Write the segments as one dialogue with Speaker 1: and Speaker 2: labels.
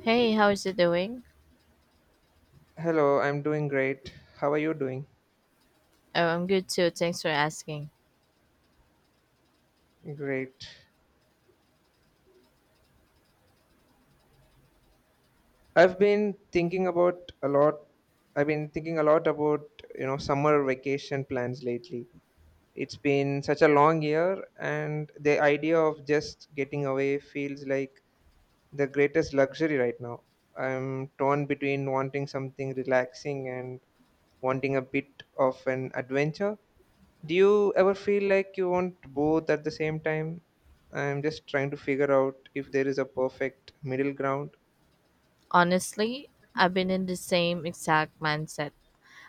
Speaker 1: Hey, how is it doing?
Speaker 2: Hello, I'm doing great. How are you doing?
Speaker 1: Oh, I'm good too. Thanks for asking.
Speaker 2: Great. I've been thinking about a lot. I've been thinking a lot about summer vacation plans lately. It's been such a long year, and the idea of just getting away feels like the greatest luxury right now. I'm torn between wanting something relaxing and wanting a bit of an adventure. Do you ever feel like you want both at the same time? I'm just trying to figure out if there is a perfect middle ground.
Speaker 1: Honestly, I've been in the same exact mindset.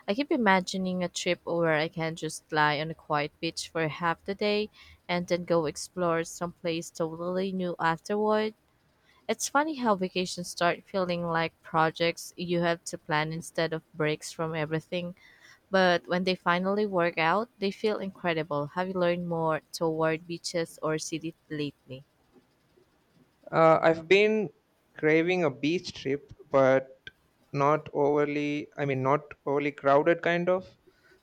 Speaker 1: I keep imagining a trip where I can just lie on a quiet beach for half the day and then go explore someplace totally new afterward. It's funny how vacations start feeling like projects you have to plan instead of breaks from everything. But when they finally work out, they feel incredible. Have you learned more toward beaches or city lately?
Speaker 2: I've been craving a beach trip, but not overly, I mean, not overly crowded kind of,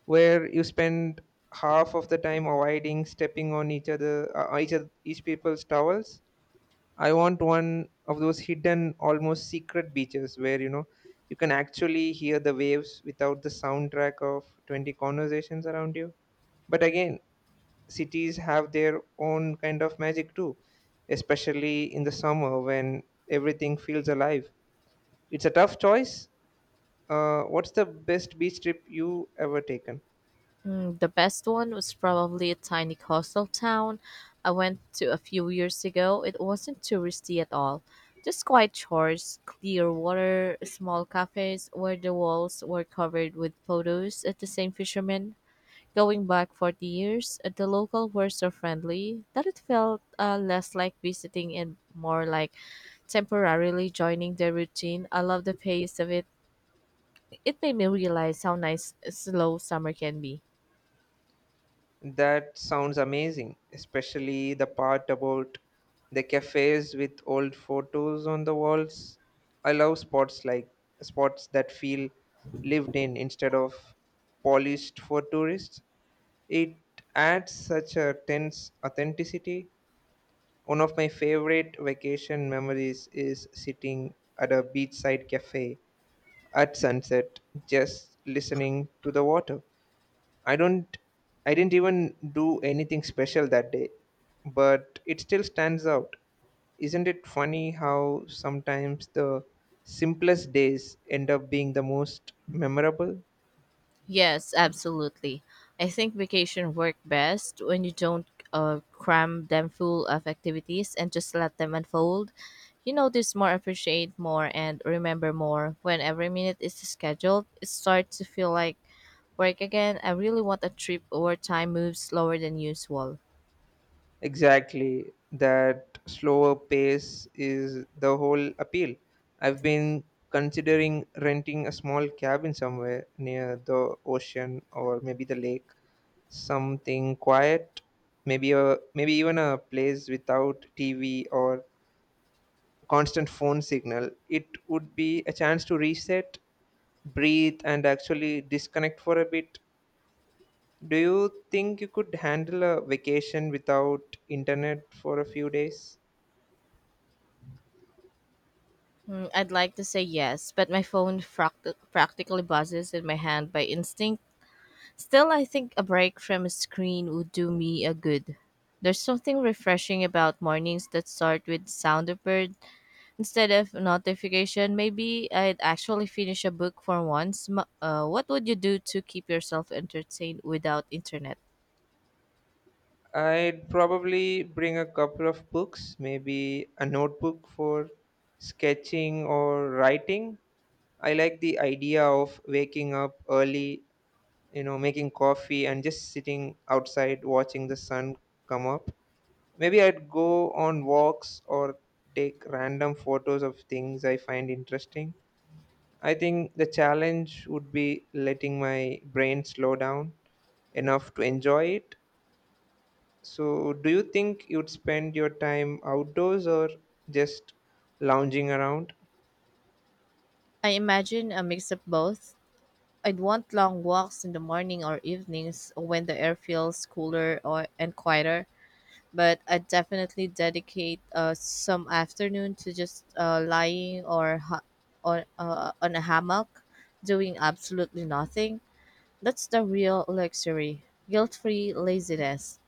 Speaker 2: where you spend half of the time avoiding stepping on each other, each people's towels. I want one of those hidden, almost secret beaches where you know you can actually hear the waves without the soundtrack of 20 conversations around you. But again, cities have their own kind of magic too, especially in the summer when everything feels alive. It's a tough choice. What's the best beach trip you ever taken?
Speaker 1: The best one was probably a tiny coastal town I went to a few years ago. It wasn't touristy at all. Just quiet shores, clear water, small cafes where the walls were covered with photos of the same fishermen. Going back 40 years, the locals were so friendly that it felt less like visiting and more like temporarily joining their routine. I love the pace of it. It made me realize how nice a slow summer can be.
Speaker 2: That sounds amazing, especially the part about the cafes with old photos on the walls. I love spots that feel lived in instead of polished for tourists. It adds such a tense authenticity. One of my favorite vacation memories is sitting at a beachside cafe at sunset, just listening to the water. I don't I didn't even do anything special that day, but it still stands out. Isn't it funny how sometimes the simplest days end up being the most memorable?
Speaker 1: Yes, absolutely. I think vacation work best when you don't cram them full of activities and just let them unfold. You notice more, appreciate more, and remember more. When every minute is scheduled, it starts to feel like work again. I really want a trip where time moves slower than usual.
Speaker 2: Exactly. That slower pace is the whole appeal. I've been considering renting a small cabin somewhere near the ocean or maybe the lake. Something quiet, maybe even a place without TV or constant phone signal. It would be a chance to reset, breathe and actually disconnect for a bit. Do you think you could handle a vacation without internet for a few days?
Speaker 1: I'd like to say yes, but my phone practically buzzes in my hand by instinct. Still, I think a break from a screen would do me a good. There's something refreshing about mornings that start with sound of bird instead of notification. Maybe I'd actually finish a book for once. What would you do to keep yourself entertained without internet?
Speaker 2: I'd probably bring a couple of books, maybe a notebook for sketching or writing. I like the idea of waking up early, making coffee and just sitting outside watching the sun come up. Maybe I'd go on walks or take random photos of things I find interesting. I think the challenge would be letting my brain slow down enough to enjoy it. So do you think you'd spend your time outdoors or just lounging around?
Speaker 1: I imagine a mix of both. I'd want long walks in the morning or evenings when the air feels cooler or and quieter, but I definitely dedicate some afternoon to just on a hammock, doing absolutely nothing. That's the real luxury, guilt-free laziness.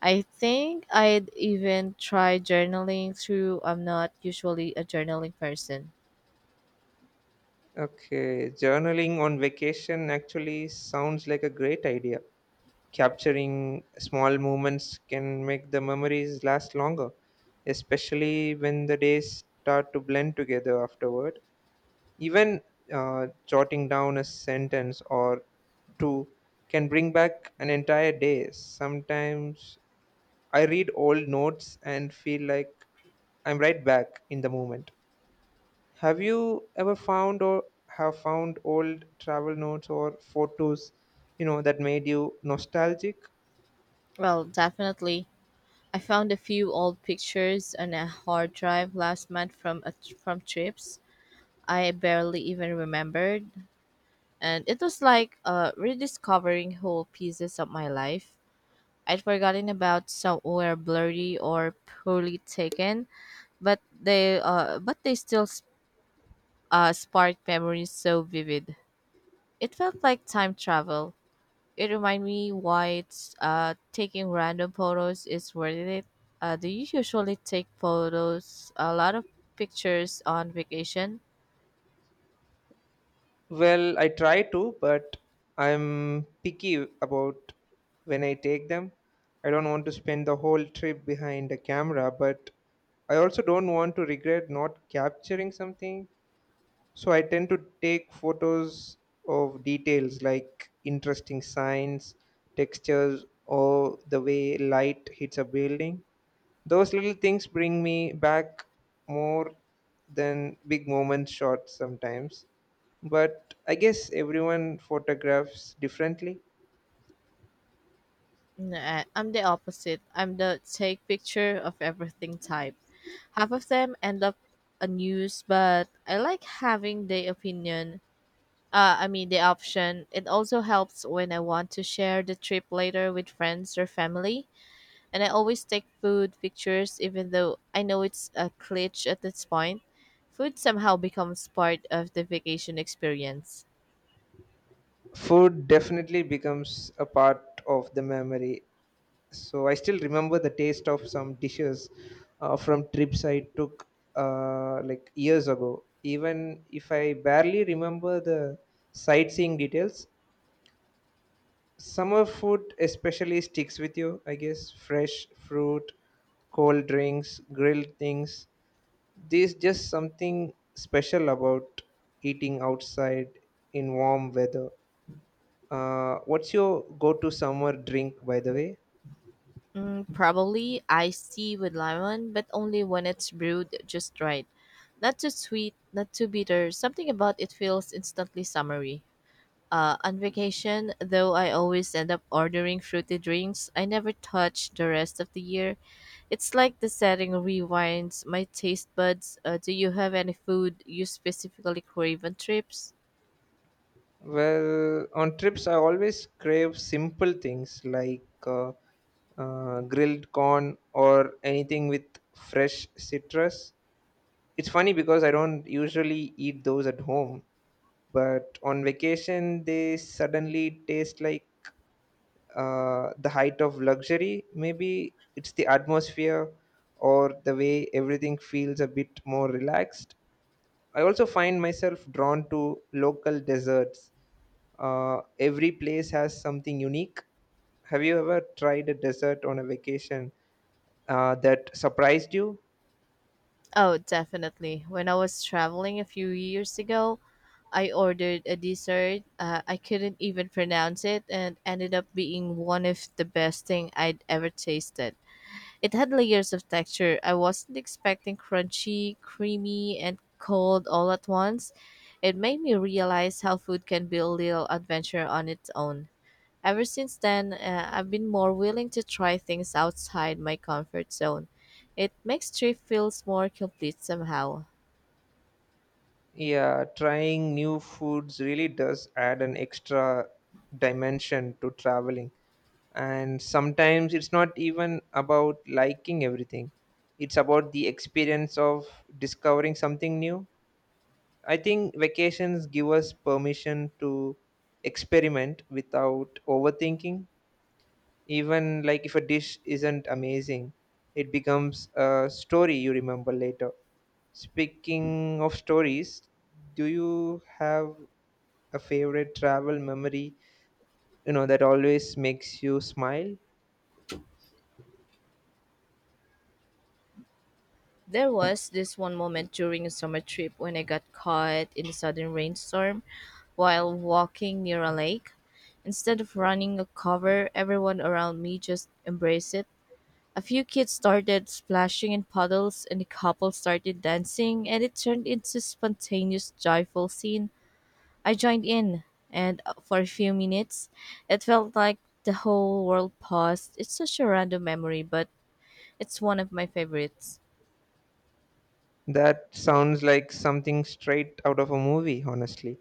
Speaker 1: I think I'd even try journaling through. I'm not usually a journaling person.
Speaker 2: Okay, journaling on vacation actually sounds like a great idea. Capturing small moments can make the memories last longer, especially when the days start to blend together afterward. Even jotting down a sentence or two can bring back an entire day. Sometimes I read old notes and feel like I'm right back in the moment. Have you ever found or have found old travel notes or photos, that made you nostalgic?
Speaker 1: Well, definitely. I found a few old pictures on a hard drive last month from trips I barely even remembered, and it was like rediscovering whole pieces of my life I'd forgotten about. Some were blurry or poorly taken, but they still sparked memories so vivid. It felt like time travel. It reminded me why taking random photos is worth it. Do you usually take photos, a lot of pictures on vacation?
Speaker 2: Well, I try to, but I'm picky about when I take them. I don't want to spend the whole trip behind a camera, but I also don't want to regret not capturing something. So I tend to take photos of details like interesting signs, textures, or the way light hits a building. Those little things bring me back more than big moment shots sometimes. But I guess everyone photographs differently.
Speaker 1: Nah, I'm the opposite. I'm the take picture of everything type. Half of them end up unused, but I like having the opinion. I mean the option. It also helps when I want to share the trip later with friends or family, and I always take food pictures even though I know it's a glitch at this point. Food somehow becomes part of the vacation experience.
Speaker 2: Food definitely becomes a part of the memory. So I still remember the taste of some dishes from trips I took like years ago, even if I barely remember the sightseeing details. Summer food especially sticks with you, I guess. Fresh fruit, cold drinks, grilled things. There's just something special about eating outside in warm weather. What's your go-to summer drink, by the way?
Speaker 1: Probably iced tea with lemon, but only when it's brewed just right. Not too sweet, not too bitter. Something about it feels instantly summery. On vacation, though, I always end up ordering fruity drinks I never touch the rest of the year. It's like the setting rewinds my taste buds. Do you have any food you specifically crave on trips?
Speaker 2: Well, on trips, I always crave simple things like grilled corn or anything with fresh citrus. It's funny because I don't usually eat those at home, but on vacation, they suddenly taste like the height of luxury. Maybe it's the atmosphere or the way everything feels a bit more relaxed. I also find myself drawn to local desserts. Every place has something unique. Have you ever tried a dessert on a vacation that surprised you?
Speaker 1: Oh, definitely. When I was traveling a few years ago, I ordered a dessert. I couldn't even pronounce it and ended up being one of the best thing I'd ever tasted. It had layers of texture. I wasn't expecting crunchy, creamy, and cold all at once. It made me realize how food can be a little adventure on its own. Ever since then, I've been more willing to try things outside my comfort zone. It makes trip feels more complete somehow.
Speaker 2: Yeah, trying new foods really does add an extra dimension to traveling. And sometimes it's not even about liking everything, it's about the experience of discovering something new. I think vacations give us permission to experiment without overthinking. Even like if a dish isn't amazing, it becomes a story you remember later. Speaking of stories, do you have a favorite travel memory, that always makes you smile?
Speaker 1: There was this one moment during a summer trip when I got caught in a sudden rainstorm while walking near a lake. Instead of running a cover, everyone around me just embraced it. A few kids started splashing in puddles and a couple started dancing, and it turned into a spontaneous joyful scene. I joined in, and for a few minutes it felt like the whole world paused. It's such a random memory, but it's one of my favorites.
Speaker 2: That sounds like something straight out of a movie, honestly.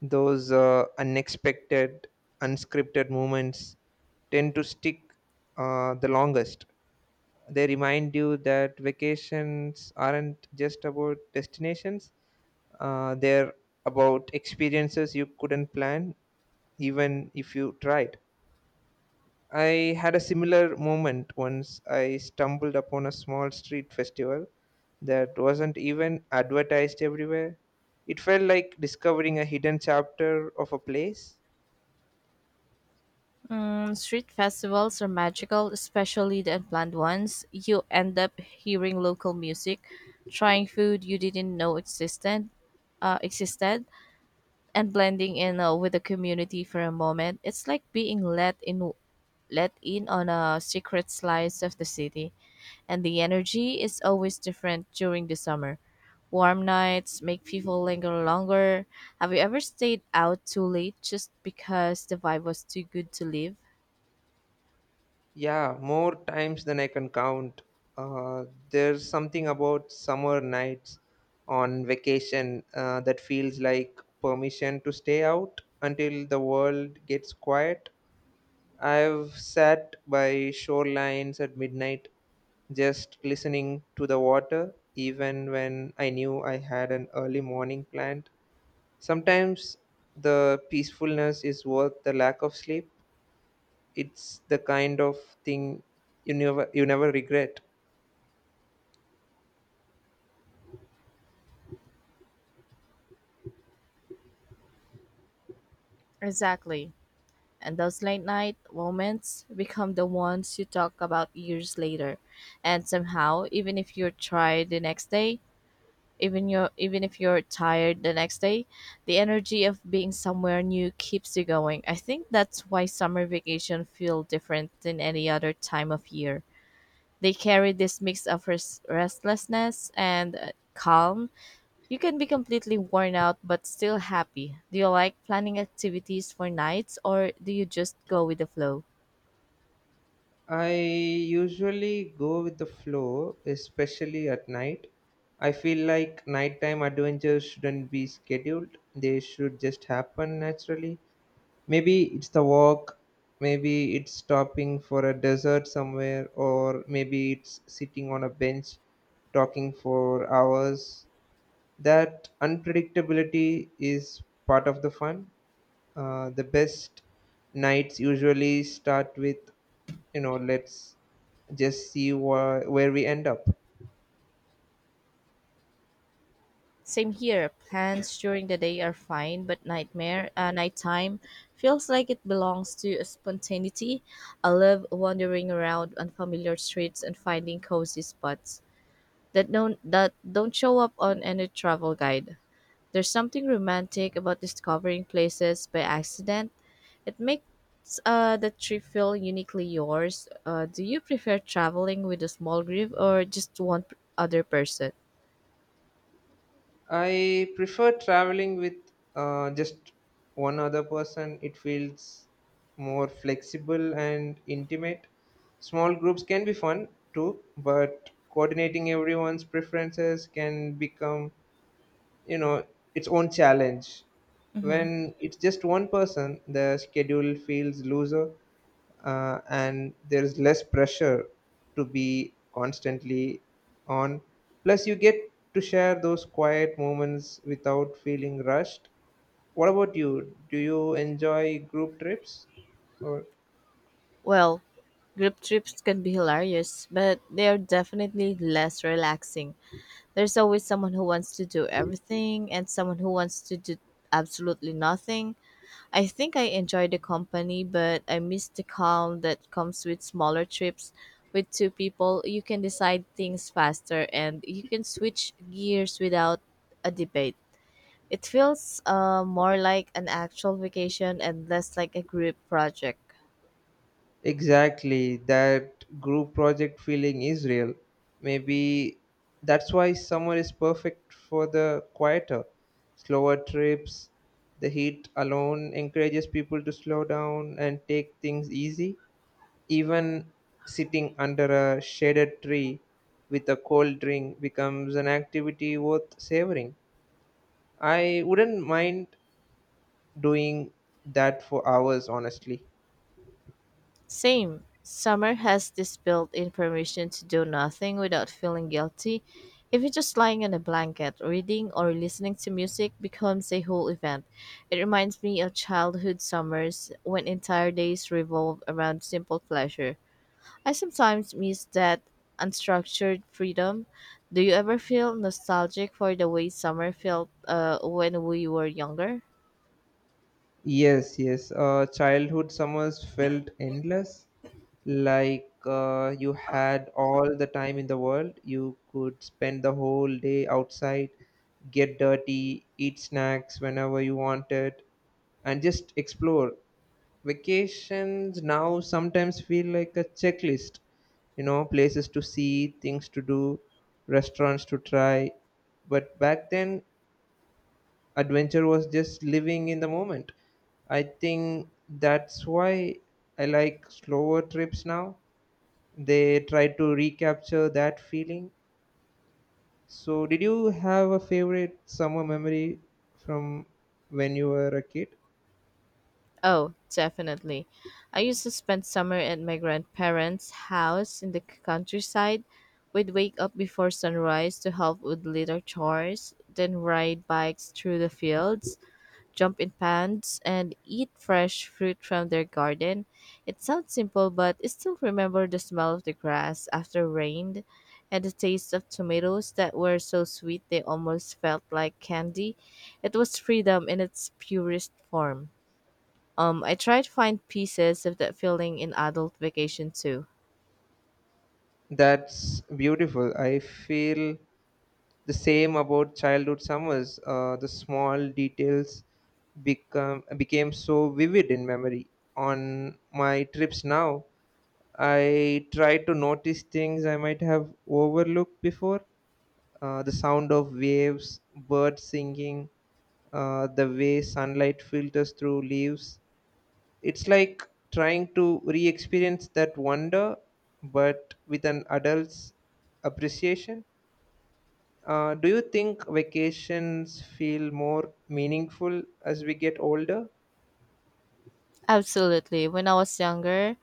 Speaker 2: Those unexpected, unscripted moments tend to stick the longest. They remind you that vacations aren't just about destinations, they're about experiences you couldn't plan even if you tried. I had a similar moment once I stumbled upon a small street festival that wasn't even advertised everywhere. It felt like discovering a hidden chapter of a place.
Speaker 1: Street festivals are magical, especially the unplanned ones. You end up hearing local music, trying food you didn't know existed, and blending in with the community for a moment. It's like let in on a secret slice of the city. And the energy is always different during the summer. Warm nights make people linger longer. Have you ever stayed out too late just because the vibe was too good to leave?
Speaker 2: Yeah, more times than I can count. There's something about summer nights on vacation that feels like permission to stay out until the world gets quiet. I've sat by shorelines at midnight just listening to the water, even when I knew I had an early morning planned. Sometimes the peacefulness is worth the lack of sleep. It's the kind of thing you never regret.
Speaker 1: Exactly. And those late night moments become the ones you talk about years later. And somehow, even if you're tired the next day, even you even if you're tired the next day, the energy of being somewhere new keeps you going. I think that's why summer vacation feel different than any other time of year. They carry this mix of restlessness and calm. You can be completely worn out but still happy. Do you like planning activities for nights or do you just go with the flow?
Speaker 2: I usually go with the flow, especially at night. I feel like nighttime adventures shouldn't be scheduled. They should just happen naturally. Maybe it's the walk, maybe it's stopping for a dessert somewhere, or maybe it's sitting on a bench talking for hours. That unpredictability is part of the fun. The best nights usually start with, let's just see where we end up.
Speaker 1: Same here. Plans during the day are fine, but nightmare nighttime feels like it belongs to spontaneity. I love wandering around unfamiliar streets and finding cozy spots that don't show up on any travel guide. There's something romantic about discovering places by accident. It makes the trip feel uniquely yours. Do you prefer traveling with a small group or just other person?
Speaker 2: I prefer traveling with just one other person. It feels more flexible and intimate. Small groups can be fun too, but coordinating everyone's preferences can become, you know, its own challenge.
Speaker 1: Hmm.
Speaker 2: When it's just one person, the schedule feels looser and there is less pressure to be constantly on. Plus, you get to share those quiet moments without feeling rushed. What about you? Do you enjoy group trips? Or,
Speaker 1: Well, group trips can be hilarious, but they are definitely less relaxing. There's always someone who wants to do everything and someone who wants to do absolutely nothing. I think I enjoy the company, but I miss the calm that comes with smaller trips. With two people, you can decide things faster and you can switch gears without a debate. It feels more like an actual vacation and less like a group project.
Speaker 2: exactly, that group project feeling is real. Maybe that's why summer is perfect for the quieter, slower trips. The heat alone encourages people to slow down and take things easy. Even sitting under a shaded tree with a cold drink becomes an activity worth savoring. I wouldn't mind doing that for hours, honestly.
Speaker 1: Same. Summer has this built in permission to do nothing without feeling guilty. Even just lying on a blanket, reading, or listening to music becomes a whole event. It reminds me of childhood summers when entire days revolve around simple pleasure. I sometimes miss that unstructured freedom. Do you ever feel nostalgic for the way summer felt when we were younger?
Speaker 2: Yes, yes. Childhood summers felt endless. Like, you had all the time in the world. You could spend the whole day outside, get dirty, eat snacks whenever you wanted, and just explore. Vacations now sometimes feel like a checklist, places to see, things to do, restaurants to try. But back then adventure was just living in the moment. I think that's why I like slower trips now. They try to recapture that feeling. So did you have a favorite summer memory from when you were a kid?
Speaker 1: Oh, definitely. I used to spend summer at my grandparents' house in the countryside. We'd wake up before sunrise to help with little chores, then ride bikes through the fields, jump in ponds, and eat fresh fruit from their garden. It sounds simple, but I still remember the smell of the grass after rain and the taste of tomatoes that were so sweet they almost felt like candy. It was freedom in its purest form. I try to find pieces of that feeling in adult vacation too.
Speaker 2: That's beautiful. I feel the same about childhood summers. The small details become became so vivid in memory. On my trips now, I try to notice things I might have overlooked before. The sound of waves, birds singing, the way sunlight filters through leaves. It's like trying to re experience that wonder, but with an adult's appreciation. Do you think vacations feel more meaningful as we get older?
Speaker 1: Absolutely. When I was younger,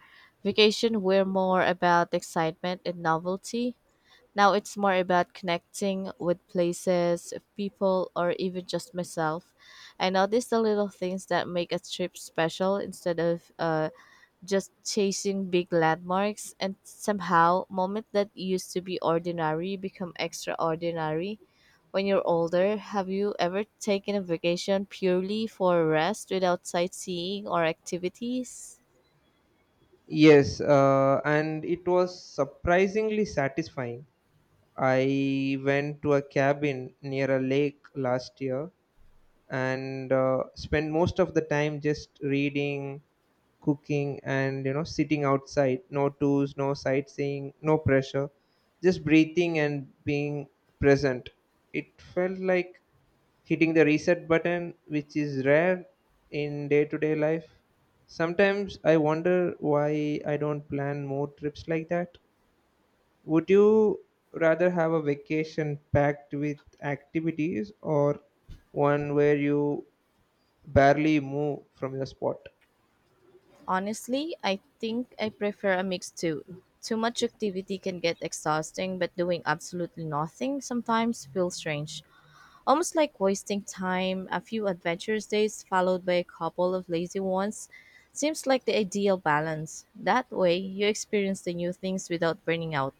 Speaker 1: vacation were more about excitement and novelty. Now it's more about connecting with places, people, or even just myself. I notice the little things that make a trip special instead of just chasing big landmarks, and somehow, moments that used to be ordinary become extraordinary. When you're older, have you ever taken a vacation purely for rest without sightseeing or activities?
Speaker 2: Yes, and it was surprisingly satisfying. I went to a cabin near a lake last year and spent most of the time just reading, cooking, and sitting outside. No tools, no sightseeing, no pressure, just breathing and being present. It felt like hitting the reset button, which is rare in day to day life. Sometimes I wonder why I don't plan more trips like that. Would you rather have a vacation packed with activities or one where you barely move from your spot?
Speaker 1: Honestly, I think I prefer a mix too. Too much activity can get exhausting, but doing absolutely nothing sometimes feels strange. Almost like wasting time, a few adventurous days followed by a couple of lazy ones seems like the ideal balance. That way, you experience the new things without burning out.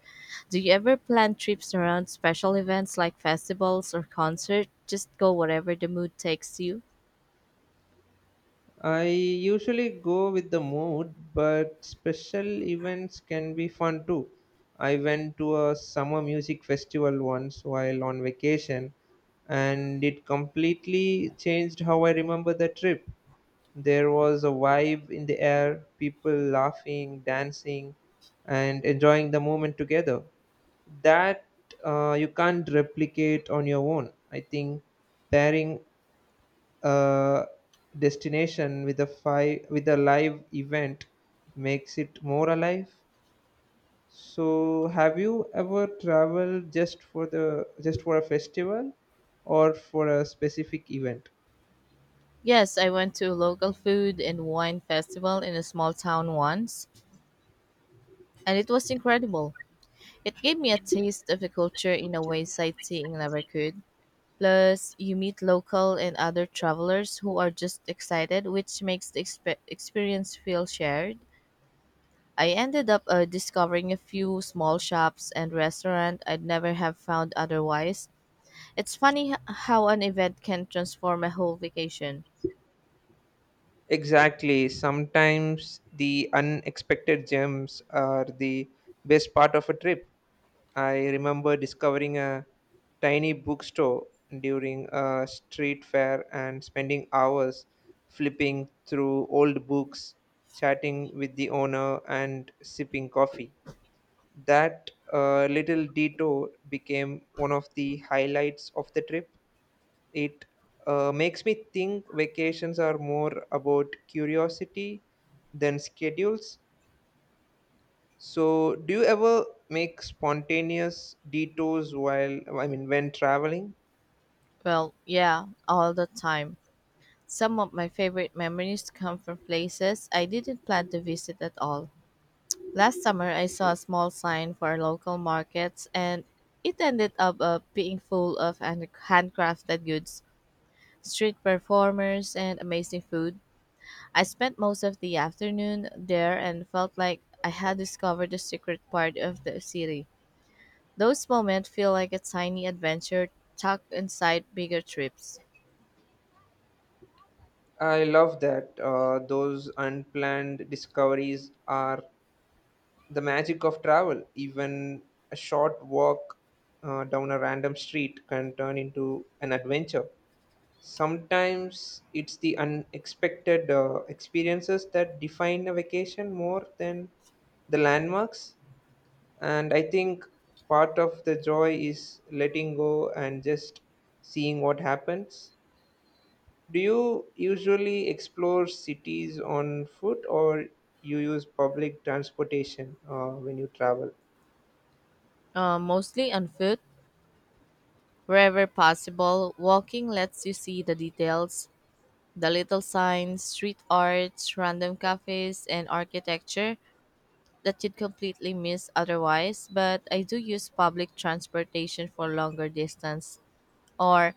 Speaker 1: Do you ever plan trips around special events like festivals or concerts? Just go wherever the mood takes you?
Speaker 2: I usually go with the mood, but special events can be fun too. I went to a summer music festival once while on vacation, and it completely changed how I remember the trip. There was a vibe in the air, people laughing, dancing, and enjoying the moment together. That you can't replicate on your own. I think pairing uh, destination with a live event makes it more alive. So have you ever traveled just for a festival or for a specific event?
Speaker 1: Yes, I went to a local food and wine festival in a small town once, and it was incredible. It gave me a taste of the culture in a way sightseeing never could. Plus, you meet local and other travelers who are just excited, which makes the experience feel shared. I ended up discovering a few small shops and restaurants I'd never have found otherwise. It's funny how an event can transform a whole vacation.
Speaker 2: Exactly. Sometimes the unexpected gems are the best part of a trip. I remember discovering a tiny bookstore during a street fair and spending hours flipping through old books, chatting with the owner, and sipping coffee. That little detour became one of the highlights of the trip. It makes me think vacations are more about curiosity than schedules. So do you ever make spontaneous detours, while I mean, when traveling?
Speaker 1: Well, yeah, all the time. Some of my favorite memories come from places I didn't plan to visit at all. Last summer, I saw a small sign for local markets, and it ended up being full of handcrafted goods, street performers, and amazing food. I spent most of the afternoon there and felt like I had discovered the secret part of the city. Those moments feel like a tiny adventure tucked inside bigger trips.
Speaker 2: I love that. Those unplanned discoveries are the magic of travel. Even a short walk down a random street can turn into an adventure. Sometimes it's the unexpected experiences that define a vacation more than the landmarks. And I think part of the joy is letting go and just seeing what happens. Do you usually explore cities on foot or you use public transportation when you travel?
Speaker 1: Mostly on foot. Wherever possible, walking lets you see the details, the little signs, street arts, random cafes, and architecture that you'd completely miss otherwise. But I do use public transportation for longer distance or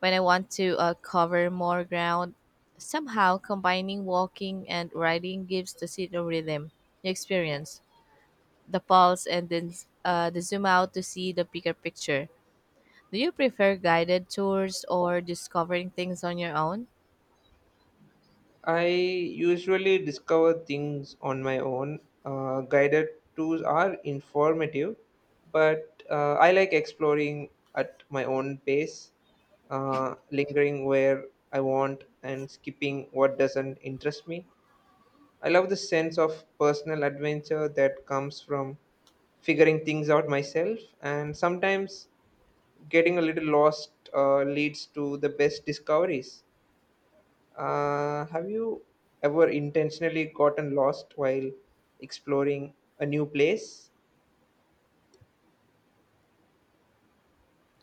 Speaker 1: when I want to cover more ground. Somehow, combining walking and riding gives the city a rhythm, the experience, the pulse, and then the zoom out to see the bigger picture. Do you prefer guided tours or discovering things on your own?
Speaker 2: I usually discover things on my own. Guided tours are informative, but I like exploring at my own pace, lingering where I want and skipping what doesn't interest me. I love the sense of personal adventure that comes from figuring things out myself, and sometimes getting a little lost leads to the best discoveries. Have you ever intentionally gotten lost while exploring a new place?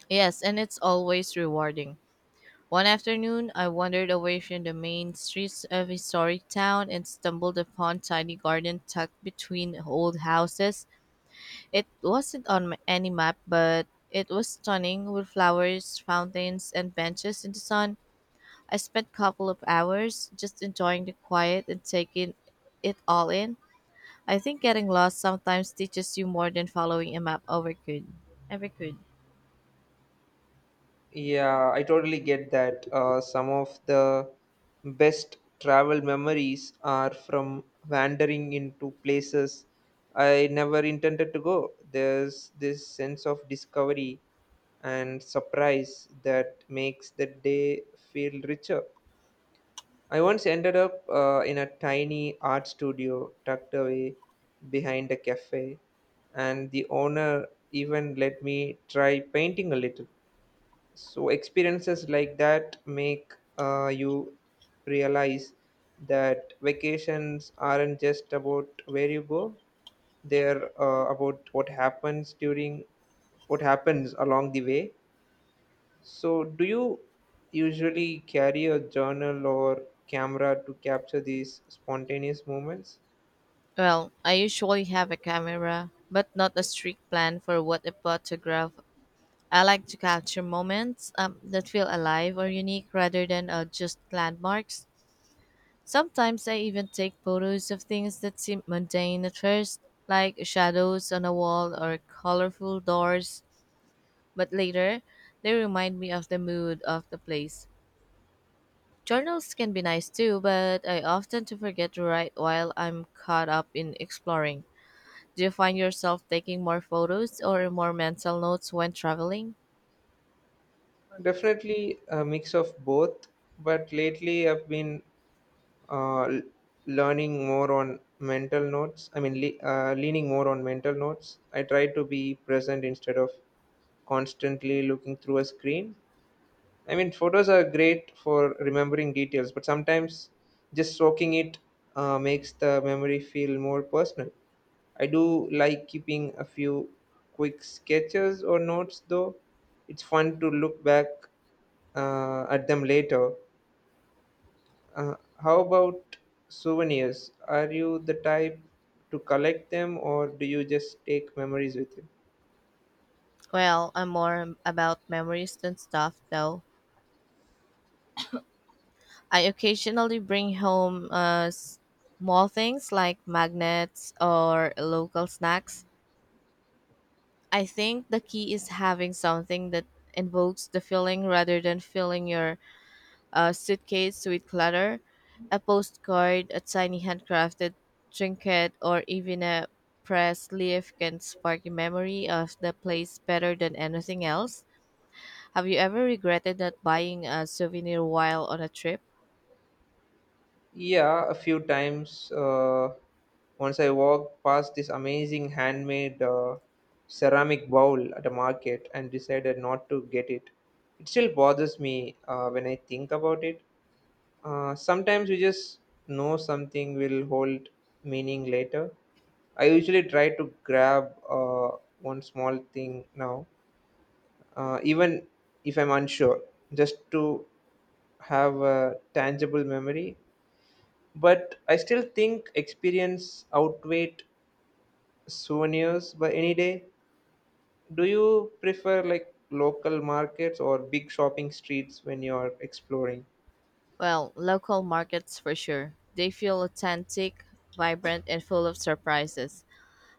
Speaker 1: Yes, and it's always rewarding. One afternoon, I wandered away from the main streets of a historic town and stumbled upon tiny garden tucked between old houses. It wasn't on any map, but it was stunning with flowers, fountains, and benches in the sun. I spent a couple of hours just enjoying the quiet and taking it all in. I think getting lost sometimes teaches you more than following a map ever could.
Speaker 2: Yeah, I totally get that. Some of the best travel memories are from wandering into places I never intended to go. There's this sense of discovery and surprise that makes the day feel richer. I once ended up in a tiny art studio tucked away behind a cafe, and the owner even let me try painting a little. So experiences like that make you realize that vacations aren't just about where you go, they're about what happens along the way. So do you usually carry a journal or camera to capture these spontaneous moments?
Speaker 1: Well, I usually have a camera, but not a strict plan for what a photograph. I like to capture moments that feel alive or unique rather than just landmarks. Sometimes I even take photos of things that seem mundane at first, like shadows on a wall or colorful doors, but later they remind me of the mood of the place. Journals can be nice too, but I often to forget to write while I'm caught up in exploring. Do you find yourself taking more photos or more mental notes when traveling?
Speaker 2: Definitely a mix of both, but lately I've been uh, l- learning more on mental notes. I mean, leaning more on mental notes. I try to be present instead of constantly looking through a screen. I mean, photos are great for remembering details, but sometimes just soaking it makes the memory feel more personal. I do like keeping a few quick sketches or notes, though. It's fun to look back at them later. Uh, how about souvenirs? Are you the type to collect them, or do you just take memories with you?
Speaker 1: Well, I'm more about memories than stuff though. I occasionally bring home small things like magnets or local snacks. I think the key is having something that invokes the feeling rather than filling your a suitcase with clutter, a postcard, a tiny handcrafted trinket, or even a press leaf can spark a memory of the place better than anything else. Have you ever regretted not buying a souvenir while on a trip?
Speaker 2: Yeah, a few times. Once I walked past this amazing handmade ceramic bowl at a market and decided not to get it. It still bothers me when I think about it. Sometimes we just know something will hold meaning later. I usually try to grab one small thing now, even if I'm unsure, just to have a tangible memory. But I still think experience outweighed souvenirs by any day. Do you prefer like local markets or big shopping streets when you're exploring?
Speaker 1: Well, local markets for sure. They feel authentic, vibrant, and full of surprises.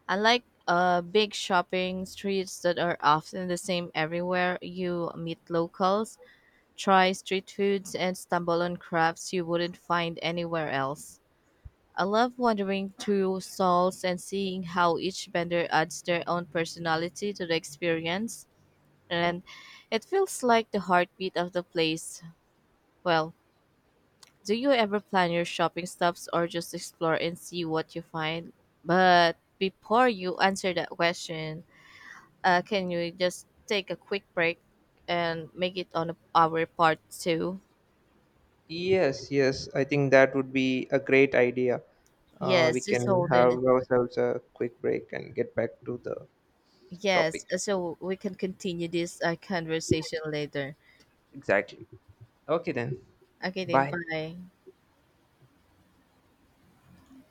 Speaker 1: Unlike big shopping streets that are often the same everywhere, you meet locals. Try street foods and stumble on crafts you wouldn't find anywhere else. I love wandering through stalls and seeing how each vendor adds their own personality to the experience, and it feels like the heartbeat of the place. Well, do you ever plan your shopping stops or just explore and see what you find? But before you answer that question, can you just take a quick break and make it on our part two?
Speaker 2: Yes, yes, I think that would be a great idea. We
Speaker 1: Yes, just
Speaker 2: can
Speaker 1: hold on.
Speaker 2: have ourselves a quick break and get back to the topic.
Speaker 1: Yes, so we can continue this conversation later.
Speaker 2: Exactly. Okay, then.
Speaker 1: Okay, then
Speaker 2: Bye.
Speaker 1: bye.